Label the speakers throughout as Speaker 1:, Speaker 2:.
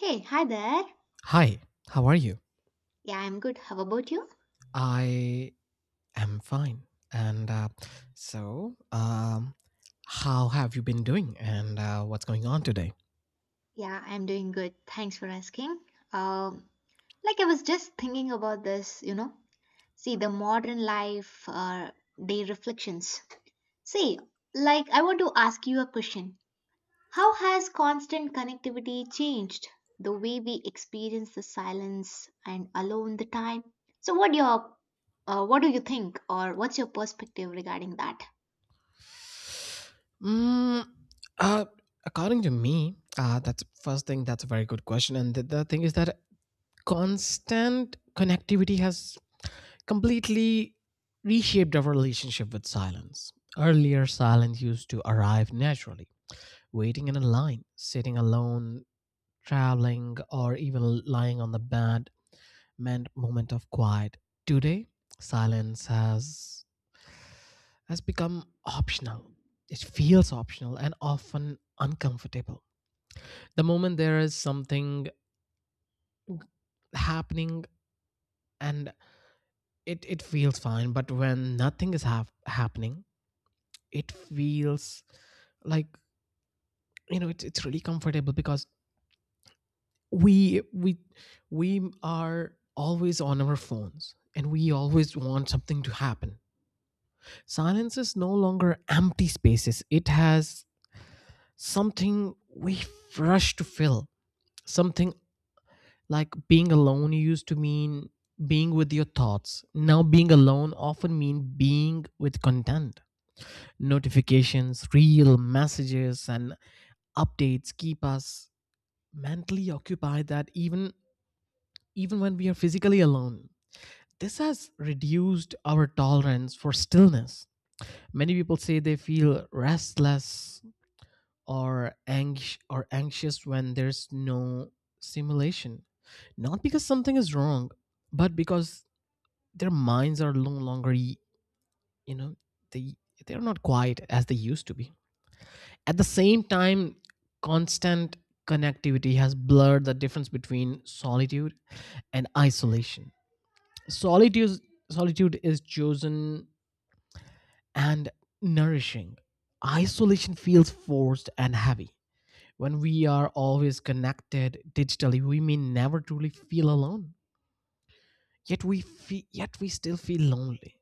Speaker 1: Hey, hi there.
Speaker 2: Hi, how are you?
Speaker 1: Yeah, I'm good. How about you?
Speaker 2: I am fine. And uh, so, um, how have you been doing, and what's going on today?
Speaker 1: Yeah, I'm doing good. Thanks for asking. Um, like I was just thinking about this. See, the modern life day reflections. See, like I want to ask you a question. How has constant connectivity changed the way we experience the silence and alone the time? So, what do you think, or what's your perspective regarding that?
Speaker 2: Mm, uh, According to me, that's first thing, that's a very good question. And the thing is that constant connectivity has completely reshaped our relationship with silence. Earlier, silence used to arrive naturally: waiting in a line, sitting alone traveling, or even lying on the bed meant moment of quiet. Today, silence has become optional. It feels optional and often uncomfortable. The moment there is something happening, and it feels fine, but when nothing is happening, it feels like, you know, it's really comfortable because we we we are always on our phones and we always want something to happen. Silence is no longer empty spaces, it has something we rush to fill, something like being alone used to mean being with your thoughts. Now being alone often mean being with content, notifications, real messages, and updates keep us mentally occupied, that even when we are physically alone. This has reduced our tolerance for stillness. Many people say they feel restless or anxious when there's no stimulation, not because something is wrong, but because their minds are no longer, you know, they they're not quiet as they used to be. At the same time, constant connectivity has blurred the difference between solitude and isolation. Solitude solitude is chosen and nourishing. Isolation feels forced and heavy. When we are always connected digitally, we may never truly feel alone. Yet we still feel lonely.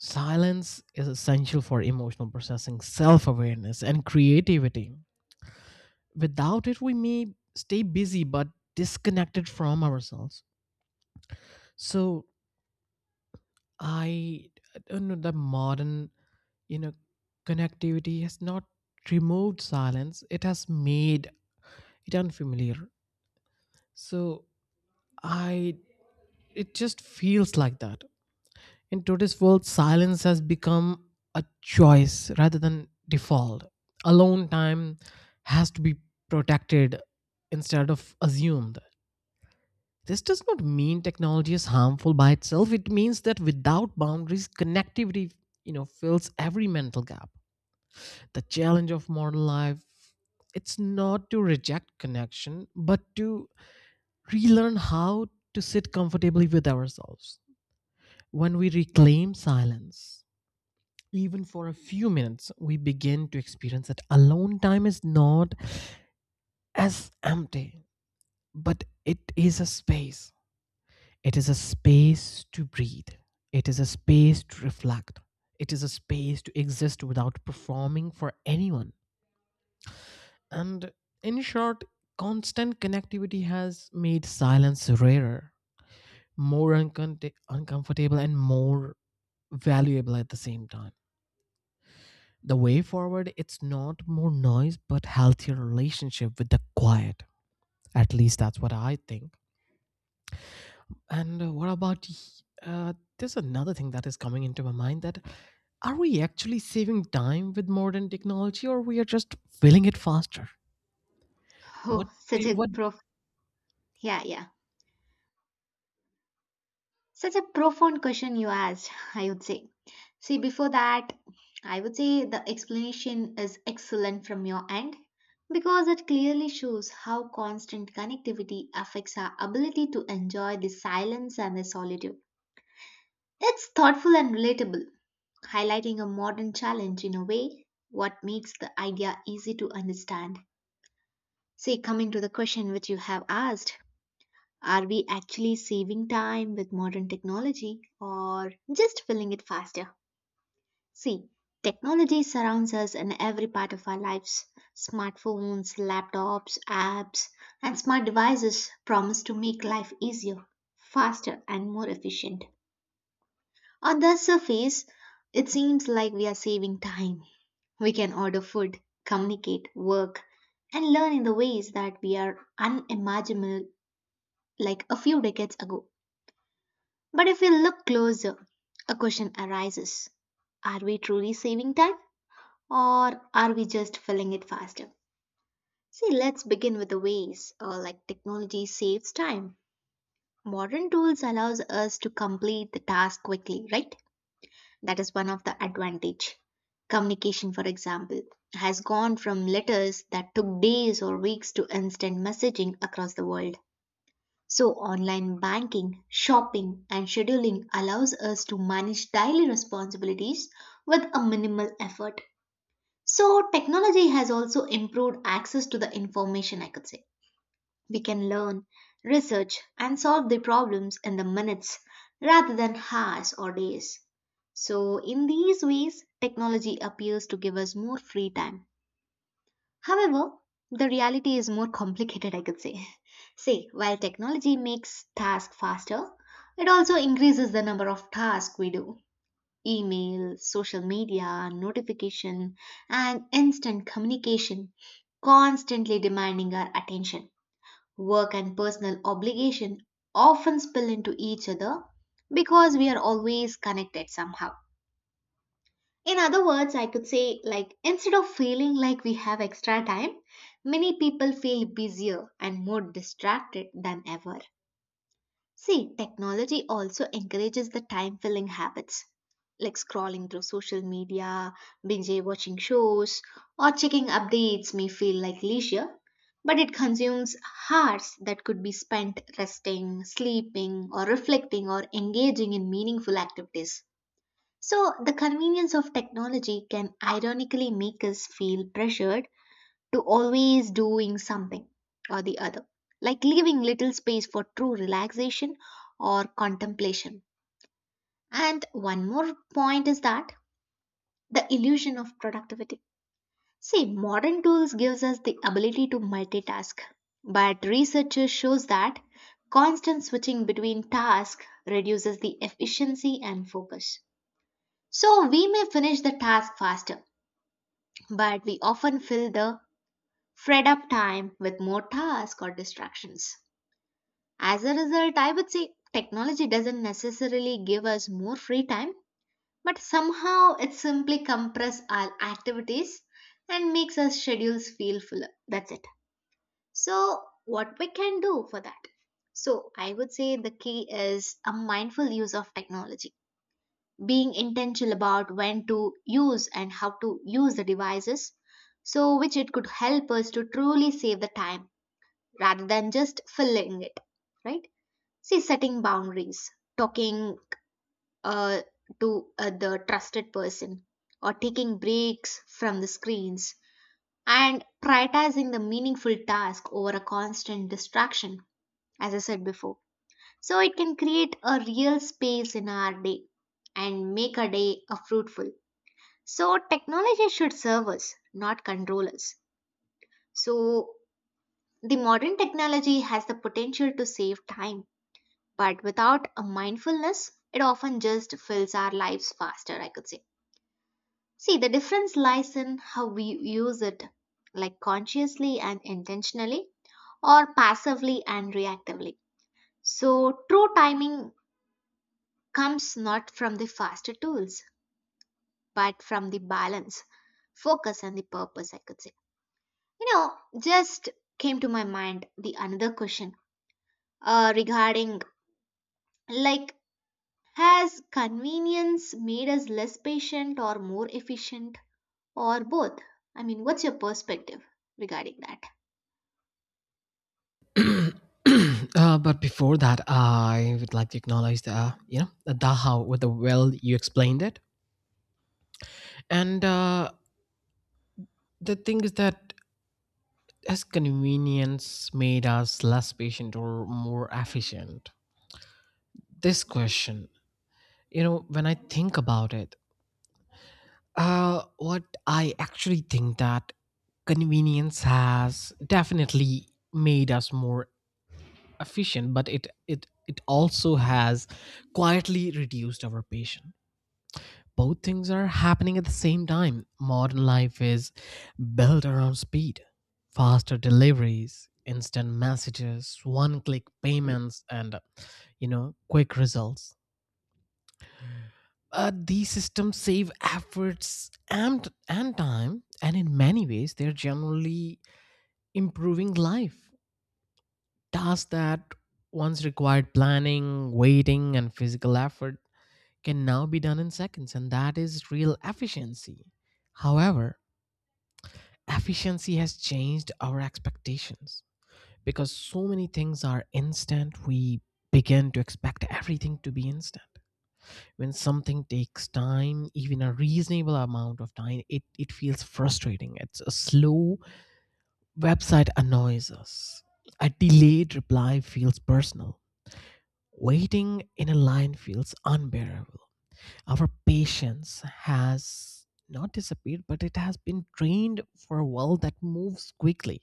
Speaker 2: Silence is essential for emotional processing, self-awareness, and creativity. Without it, we may stay busy but disconnected from ourselves. So I don't know, the modern, you know, connectivity has not removed silence. It has made it unfamiliar. So I it just feels like that. In today's world, silence has become a choice rather than default. Alone time has to be protected instead of assumed. This does not mean technology is harmful by itself. It means that without boundaries, connectivity, you know, fills every mental gap. The challenge of modern life, it's not to reject connection, but to relearn how to sit comfortably with ourselves. When we reclaim silence, even for a few minutes, we begin to experience that alone time is not as empty, but it is a space. It is a space to breathe. It is a space to reflect. It is a space to exist without performing for anyone. And in short, constant connectivity has made silence rarer, more uncomfortable, and more valuable at the same time. The way forward, it's not more noise, but healthier relationship with the quiet. At least that's what I think. And what about? Y- There's another thing that is coming into my mind, that are we actually saving time with modern technology, or we are just filling it faster? What?
Speaker 1: Oh, such
Speaker 2: Do,
Speaker 1: a
Speaker 2: what?
Speaker 1: prof. Yeah, yeah. Such a profound question you asked, I would say. See, before that, I would say the explanation is excellent from your end because it clearly shows how constant connectivity affects our ability to enjoy the silence and the solitude. It's thoughtful and relatable, highlighting a modern challenge in a way what makes the idea easy to understand. See, coming to the question which you have asked, are we actually saving time with modern technology or just filling it faster? See, technology surrounds us in every part of our lives. Smartphones, laptops, apps, and smart devices promise to make life easier, faster, and more efficient. On the surface, it seems like we are saving time. We can order food, communicate, work, and learn in the ways that we are unimaginable like a few decades ago. But if we look closer, a question arises. Are we truly saving time or are we just filling it faster? See, let's begin with the ways like technology saves time. Modern tools allows us to complete the task quickly, right? That is one of the advantage. Communication, for example, has gone from letters that took days or weeks to instant messaging across the world. So, online banking, shopping, and scheduling allows us to manage daily responsibilities with a minimal effort. So, technology has also improved access to the information, I could say. We can learn, research, and solve the problems in the minutes rather than hours or days. So, in these ways, technology appears to give us more free time. However, the reality is more complicated, I could say. Say, while technology makes tasks faster, it also increases the number of tasks we do. Email, social media, notification, and instant communication constantly demanding our attention. Work and personal obligation often spill into each other because we are always connected somehow. In other words, I could say, like, instead of feeling like we have extra time, many people feel busier and more distracted than ever. See, technology also encourages the time filling habits, like scrolling through social media, binge watching shows, or checking updates may feel like leisure, but it consumes hours that could be spent resting, sleeping, or reflecting or engaging in meaningful activities. So, the convenience of technology can ironically make us feel pressured to always doing something or the other, like leaving little space for true relaxation or contemplation. And one more point is that the illusion of productivity. See, modern tools gives us the ability to multitask, but researchers shows that constant switching between tasks reduces the efficiency and focus. So, we may finish the task faster but we often fill the freed up time with more tasks or distractions. As a result, I would say technology doesn't necessarily give us more free time, but somehow it simply compresses our activities and makes our schedules feel fuller. That's it. So, what we can do for that? So, I would say the key is a mindful use of technology, being intentional about when to use and how to use the devices so which it could help us to truly save the time rather than just filling it, right? See, setting boundaries, talking uh, to the trusted person or taking breaks from the screens and prioritizing the meaningful task over a constant distraction, as I said before. So it can create a real space in our day and make our day a fruitful. So technology should serve us, not control us. So the modern technology has the potential to save time, but without a mindfulness, it often just fills our lives faster, I could say. See, the difference lies in how we use it, like consciously and intentionally, or passively and reactively. So true timing comes not from the faster tools, but from the balance, focus, and the purpose, I could say. You know, just came to my mind the another question regarding, like, has convenience made us less patient or more efficient, or both? I mean, what's your perspective regarding that?
Speaker 2: But before that, I would like to acknowledge the, you know, the how with the well you explained it, and the thing is that, has convenience made us less patient or more efficient? This question, you know, when I think about it, what I actually think, that convenience has definitely made us more efficient, but it also has quietly reduced our patience. Both things are happening at the same time. Modern life is built around speed: faster deliveries, instant messages, one-click payments, and, you know, quick results. These systems save efforts and time, and in many ways, they're generally improving life. Tasks that once required planning, waiting, and physical effort can now be done in seconds, and that is real efficiency. However, efficiency has changed our expectations, because so many things are instant. We begin to expect everything to be instant. When something takes time, even a reasonable amount of time, it feels frustrating. It's a slow website annoys us, a delayed reply feels personal, waiting in a line feels unbearable. Our patience has not disappeared, but it has been trained for a world that moves quickly.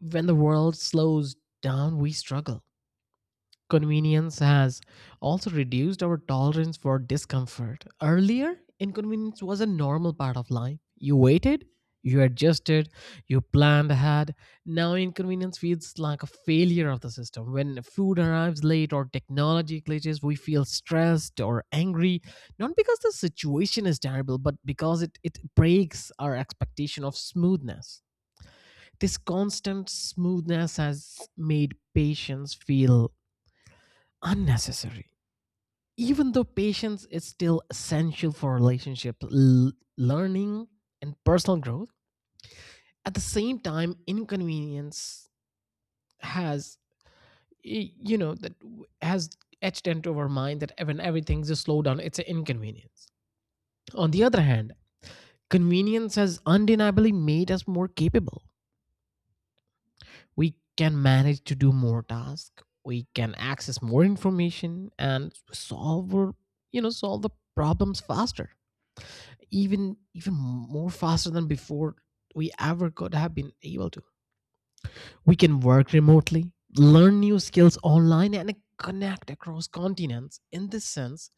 Speaker 2: When the world slows down, we struggle. Convenience has also reduced our tolerance for discomfort. Earlier, inconvenience was a normal part of life. You waited, you adjusted, you planned ahead. Now, inconvenience feels like a failure of the system. When food arrives late or technology glitches, we feel stressed or angry, not because the situation is terrible, but because it breaks our expectation of smoothness. This constant smoothness has made patients feel unnecessary, even though patience is still essential for relationship, learning, and personal growth. At the same time, inconvenience has has etched into our mind that when everything's a slowdown, it's an inconvenience. On the other hand, convenience has undeniably made us more capable. We can manage to do more tasks, we can access more information and solve our, you know, solve the problems faster, even more faster than before we ever could have been able to. We can work remotely, learn new skills online, and connect across continents. In this sense,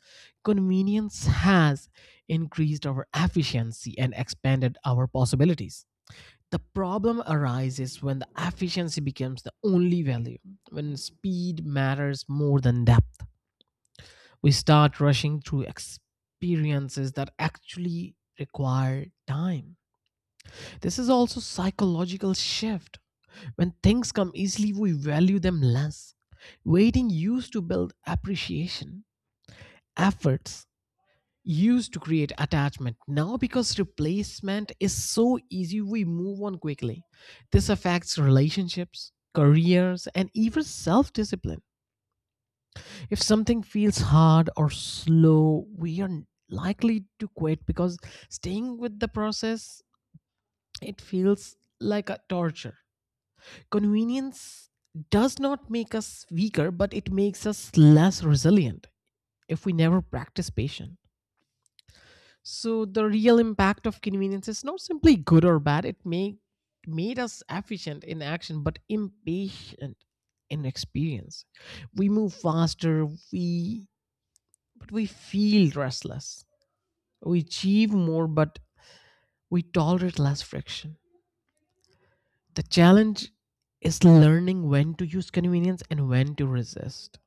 Speaker 2: convenience has increased our efficiency and expanded our possibilities. The problem arises when the efficiency becomes the only value. When speed matters more than depth, we start rushing through experiences that actually require time. This is also psychological shift. When things come easily, we value them less. Waiting used to build appreciation. Efforts used to create attachment. Now because replacement is so easy, we move on quickly. This affects relationships, careers, and even self-discipline. If something feels hard or slow, we are likely to quit because staying with the process, it feels like a torture. Convenience does not make us weaker, but it makes us less resilient if we never practice patience. So the real impact of convenience is not simply good or bad. It make made us efficient in action, but impatient in experience. We move faster, we but we feel restless. We achieve more, but we tolerate less friction. The challenge is learning when to use convenience and when to resist.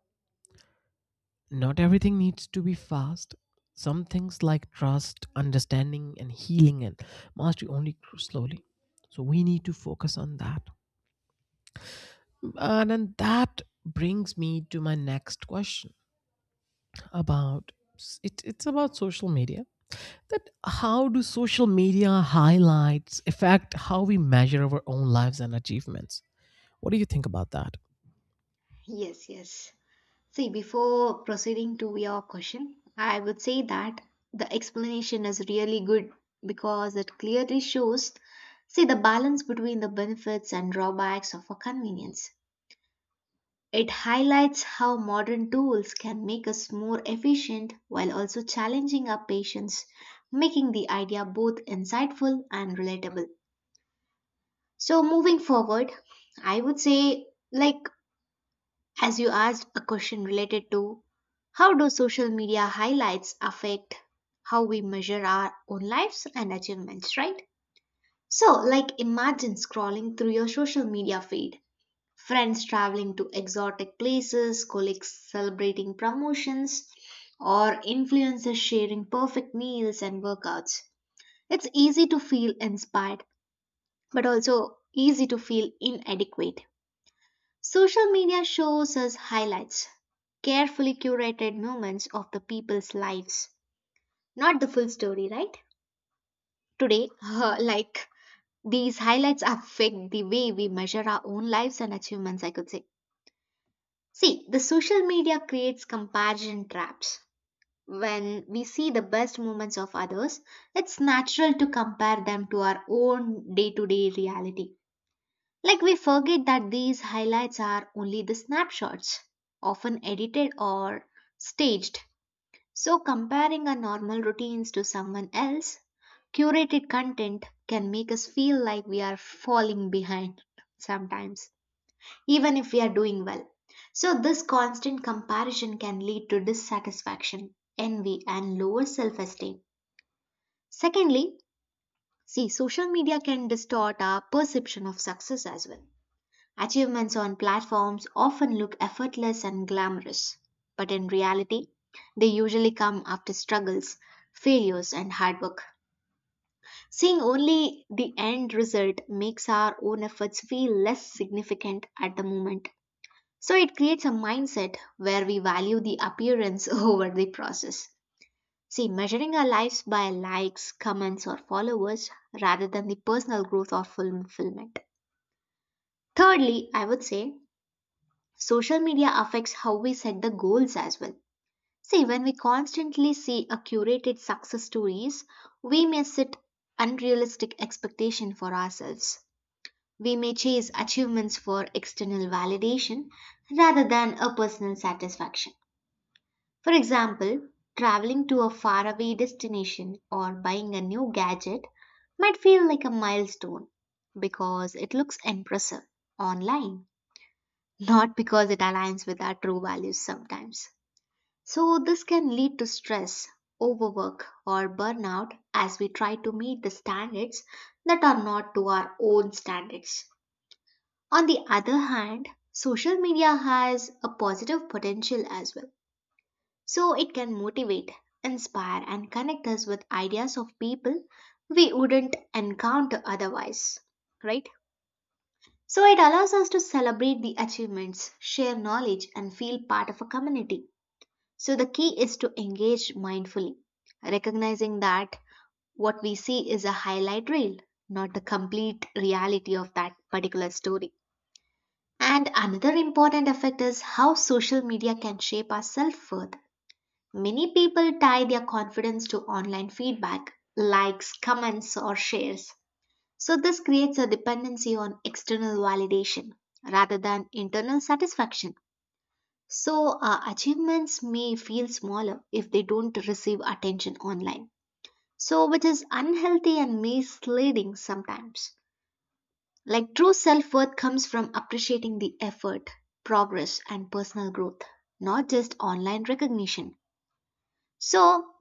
Speaker 2: Not everything needs to be fast. Some things like trust, understanding, and healing, and mastery only grow slowly. So we need to focus on that. And then that brings me to my next question about, it, it's about social media. That how do social media highlights affect how we measure our own lives and achievements? What do you think about that?
Speaker 1: Yes, yes. See, before proceeding to your question, I would say that the explanation is really good because it clearly shows, see, the balance between the benefits and drawbacks of a convenience. It highlights how modern tools can make us more efficient while also challenging our patience, making the idea both insightful and relatable. So, moving forward, I would say, like, as you asked a question related to how do social media highlights affect how we measure our own lives and achievements, right? So, like, imagine scrolling through your social media feed, friends traveling to exotic places, colleagues celebrating promotions, or influencers sharing perfect meals and workouts. It's easy to feel inspired, but also easy to feel inadequate. Social media shows us highlights, carefully curated moments of the people's lives, not the full story, right? Today, like, these highlights affect the way we measure our own lives and achievements, I could say. See, the social media creates comparison traps. When we see the best moments of others, it's natural to compare them to our own day to day reality. Like, we forget that these highlights are only the snapshots, often edited or staged. So, comparing our normal routines to someone else, curated content can make us feel like we are falling behind sometimes even if we are doing well. So, this constant comparison can lead to dissatisfaction, envy, and lower self esteem. Secondly, see, social media can distort our perception of success as well. Achievements on platforms often look effortless and glamorous, but in reality, they usually come after struggles, failures, and hard work. Seeing only the end result makes our own efforts feel less significant at the moment. So it creates a mindset where we value the appearance over the process. See, measuring our lives by likes, comments, or followers rather than the personal growth or fulfillment. Thirdly, I would say social media affects how we set the goals as well. See, when we constantly see a curated success stories, we may set unrealistic expectation for ourselves. We may chase achievements for external validation rather than a personal satisfaction. For example, traveling to a faraway destination or buying a new gadget might feel like a milestone because it looks impressive online, not because it aligns with our true values sometimes. So, this can lead to stress, overwork, or burnout as we try to meet the standards that are not to our own standards. On the other hand, social media has a positive potential as well, so it can motivate, inspire, and connect us with ideas of people we wouldn't encounter otherwise, right? So it allows us to celebrate the achievements, share knowledge, and feel part of a community. So the key is to engage mindfully, recognizing that what we see is a highlight reel, not the complete reality of that particular story. And another important effect is how social media can shape our self worth. Many people tie their confidence to online feedback, likes, comments, or shares. So, this creates a dependency on external validation rather than internal satisfaction. So, achievements may feel smaller if they don't receive attention online. So, which is unhealthy and misleading sometimes. Like, true self worth comes from appreciating the effort, progress, and personal growth, not just online recognition. So,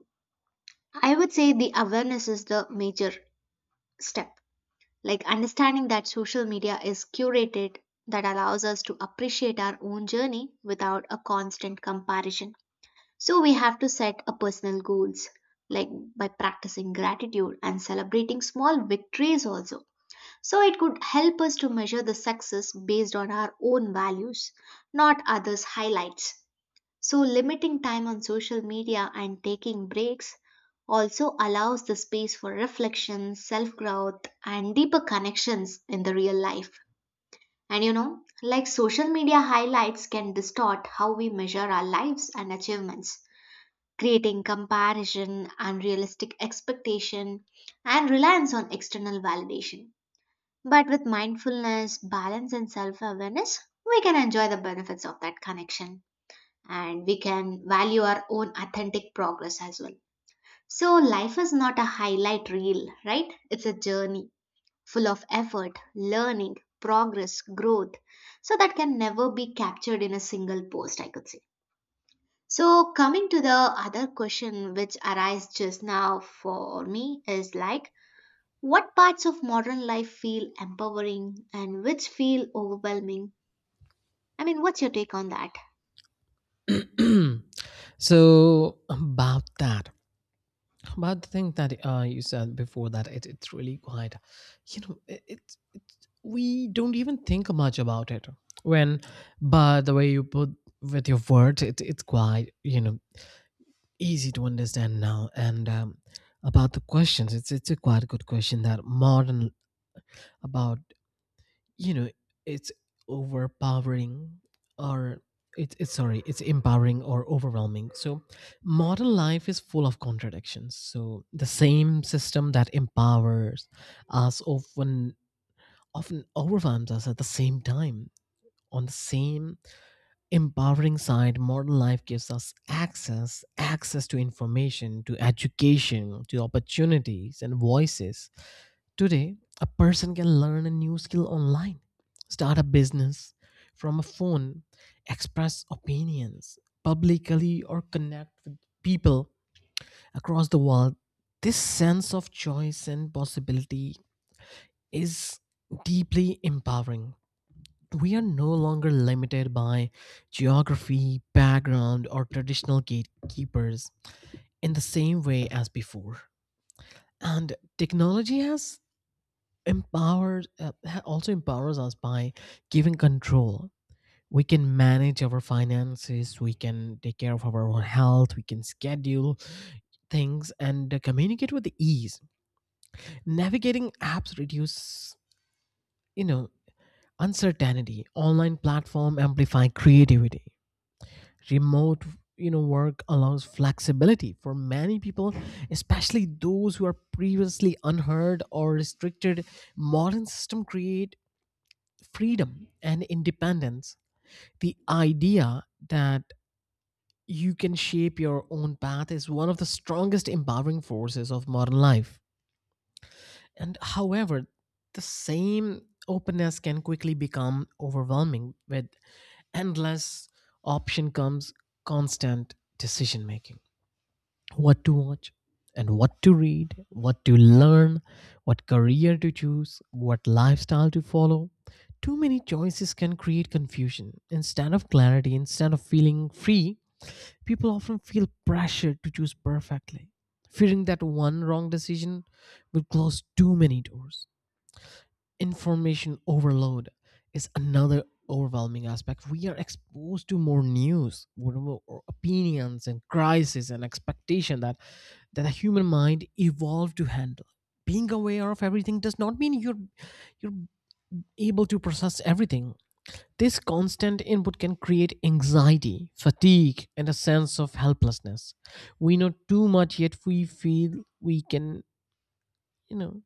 Speaker 1: I would say the awareness is the major step, like understanding that social media is curated, that allows us to appreciate our own journey without a constant comparison. So we have to set a personal goals, like by practicing gratitude and celebrating small victories also. So it could help us to measure the success based on our own values, not others' highlights. So, limiting time on social media and taking breaks also allows the space for reflection, self growth, and deeper connections in the real life. And you know, like, social media highlights can distort how we measure our lives and achievements, creating comparison, unrealistic expectation, and reliance on external validation. But with mindfulness, balance, and self awareness, we can enjoy the benefits of that connection and we can value our own authentic progress as well. So, life is not a highlight reel, right? It's a journey full of effort, learning, progress, growth. So, that can never be captured in a single post, I could say. So, coming to the other question which arise just now for me is like, what parts of modern life feel empowering and which feel overwhelming? I mean, what's your take on that?
Speaker 2: So about that, but the thing that, you said before, that it's really quite, you know, it we don't even think much about it when, but the way you put with your words, it, it's quite, you know, easy to understand now. And about the questions, it's a quite good question, that modern about, you know, it's overpowering or it's sorry, it's empowering or overwhelming. So modern life is full of contradictions. So the same system that empowers us often overwhelms us at the same time. On the same empowering side, modern life gives us access to information, to education, to opportunities, and voices. Today, a person can learn a new skill online, start a business from a phone, express opinions publicly, or connect with people across the world. This sense of choice and possibility is deeply empowering. We are no longer limited by geography, background, or traditional gatekeepers in the same way as before. And technology has empowered, also empowers us by giving control. We can manage our finances, we can take care of our own health, we can schedule things, and communicate with ease. Navigating apps reduce, you know, uncertainty. Online platform amplify creativity, remote, you know, work allows flexibility for many people, especially those who are previously unheard or restricted. Modern system create freedom and independence. The idea that you can shape your own path is one of the strongest empowering forces of modern life. And however, the same openness can quickly become overwhelming. With endless option comes constant decision making: what to watch, and what to read, what to learn, what career to choose, what lifestyle to follow. Too many choices can create confusion. Instead of clarity, instead of feeling free, people often feel pressured to choose perfectly, fearing that one wrong decision will close too many doors. Information overload is another overwhelming aspect. We are exposed to more news, whatever, or opinions, and crises, and expectation that the human mind evolved to handle. Being aware of everything does not mean you're able to process everything. This constant input can create anxiety, fatigue, and a sense of helplessness. We know too much, yet we feel we can, you know,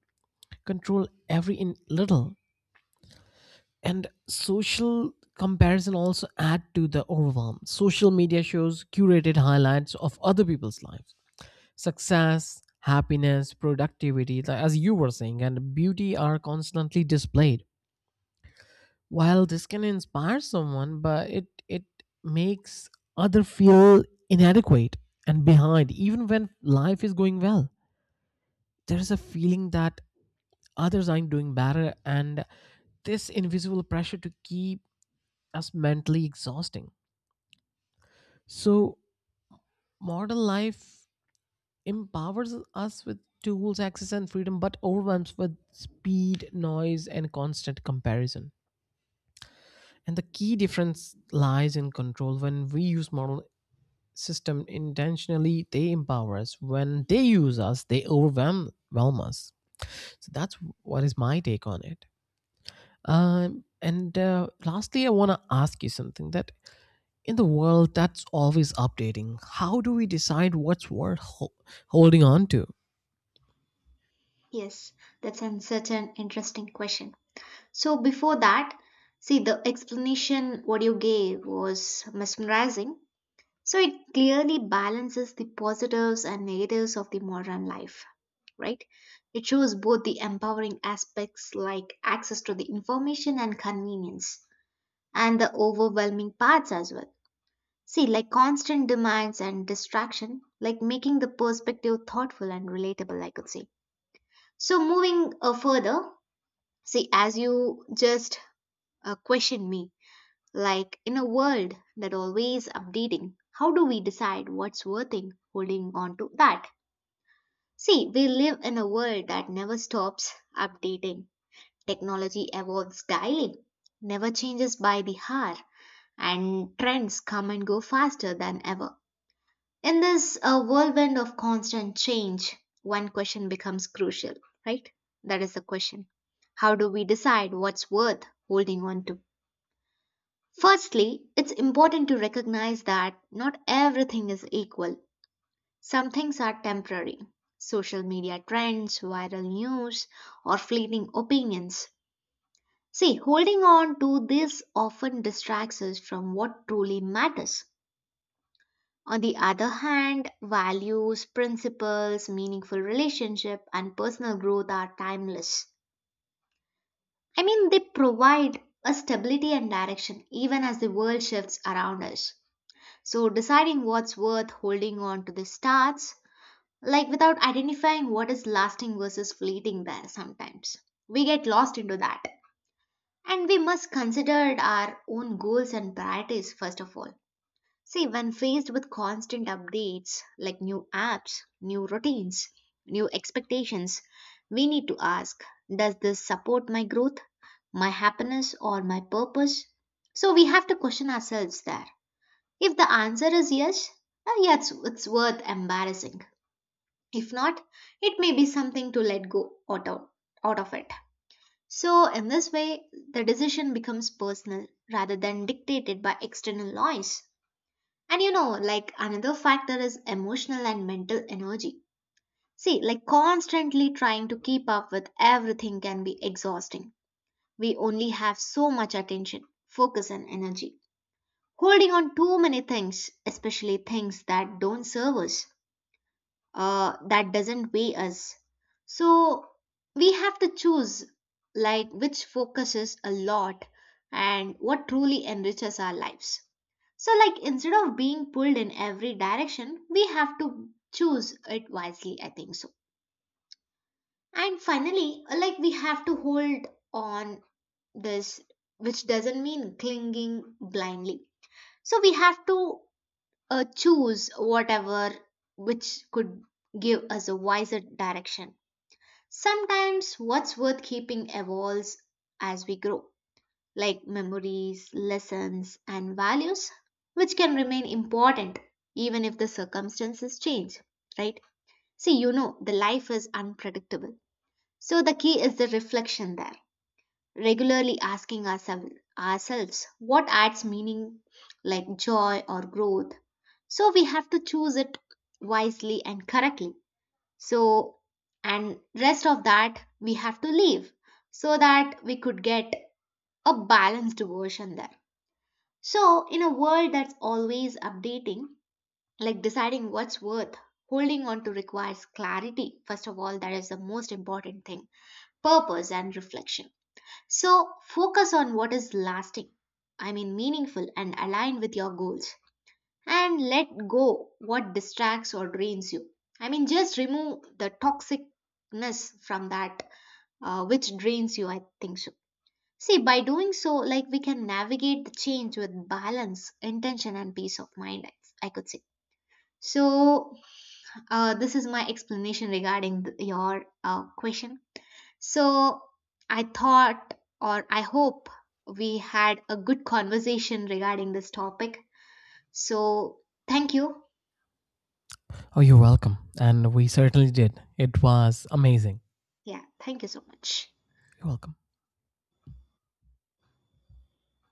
Speaker 2: control every in little. And social comparison also add to the overwhelm. Social media shows curated highlights of other people's lives. Success, happiness, productivity, like as you were saying, and beauty are constantly displayed. While this can inspire someone, but it makes other feel inadequate and behind even when life is going well. There's a feeling that others aren't doing better, and this invisible pressure to keep us mentally exhausting. So modern life empowers us with tools, access, and freedom, but overwhelms with speed, noise, and constant comparison. And the key difference lies in control. When we use modern system intentionally, they empower us. When they use us, they overwhelm us. So that's what is my take on it. And Lastly, I want to ask you something, that in the world that's always updating, how do we decide what's worth holding on to?
Speaker 1: Yes, such an interesting question. So before that, see, the explanation what you gave was mesmerizing. So it clearly balances the positives and negatives of the modern life, right? It shows both the empowering aspects like access to the information and convenience and the overwhelming parts as well. See, like constant demands and distraction, like making the perspective thoughtful and relatable, I could say. So moving further, see, as you just questioned me, like in a world that always updating, how do we decide what's worth in holding on to that? See, we live in a world that never stops updating. Technology evolves daily, never changes by the hour, and trends come and go faster than ever. In this whirlwind of constant change, one question becomes crucial, right? That is the question. How do we decide what's worth holding on to? Firstly, it's important to recognize that not everything is equal. Some things are temporary, social media trends, viral news, or fleeting opinions. See, holding on to this often distracts us from what truly matters. On the other hand, values, principles, meaningful relationship, and personal growth are timeless. I mean, they provide a stability and direction even as the world shifts around us. So deciding what's worth holding on to this starts like without identifying what is lasting versus fleeting there sometimes. We get lost into that. And we must consider our own goals and priorities first of all. See, when faced with constant updates like new apps, new routines, new expectations, we need to ask, does this support my growth, my happiness, or my purpose? So we have to question ourselves there. If the answer is yes, yes, it's worth embarrassing. If not, it may be something to let go out of it. So, in this way, the decision becomes personal rather than dictated by external noise. And you know, like another factor is emotional and mental energy. See, like constantly trying to keep up with everything can be exhausting. We only have so much attention, focus, and energy. Holding on too many things, especially things that don't serve us, that doesn't weigh us. So we have to choose like which focuses a lot and what truly enriches our lives. So like instead of being pulled in every direction, we have to choose it wisely, I think so. And finally, like we have to hold on this, which doesn't mean clinging blindly. So we have to choose whatever which could give us a wiser direction. Sometimes what's worth keeping evolves as we grow, like memories, lessons, and values, which can remain important even if the circumstances change, right? See, you know, the life is unpredictable. So the key is the reflection there, regularly asking ourselves what adds meaning like joy or growth. So we have to choose it wisely and correctly. So, and rest of that we have to leave so that we could get a balanced version there. So, in a world that's always updating, like deciding what's worth holding on to requires clarity. First of all, that is the most important thing, purpose and reflection. So, focus on what is lasting, I mean, meaningful and aligned with your goals, and let go what distracts or drains you. I mean, just remove the toxicness from that which drains you, I think so. See, by doing so, like we can navigate the change with balance, intention, and peace of mind, I could say. So, this is my explanation regarding your question. So, I thought or I hope we had a good conversation regarding this topic. So, thank you.
Speaker 2: Oh, you're welcome. And we certainly did. It was amazing.
Speaker 1: Yeah, thank you so much.
Speaker 2: You're welcome.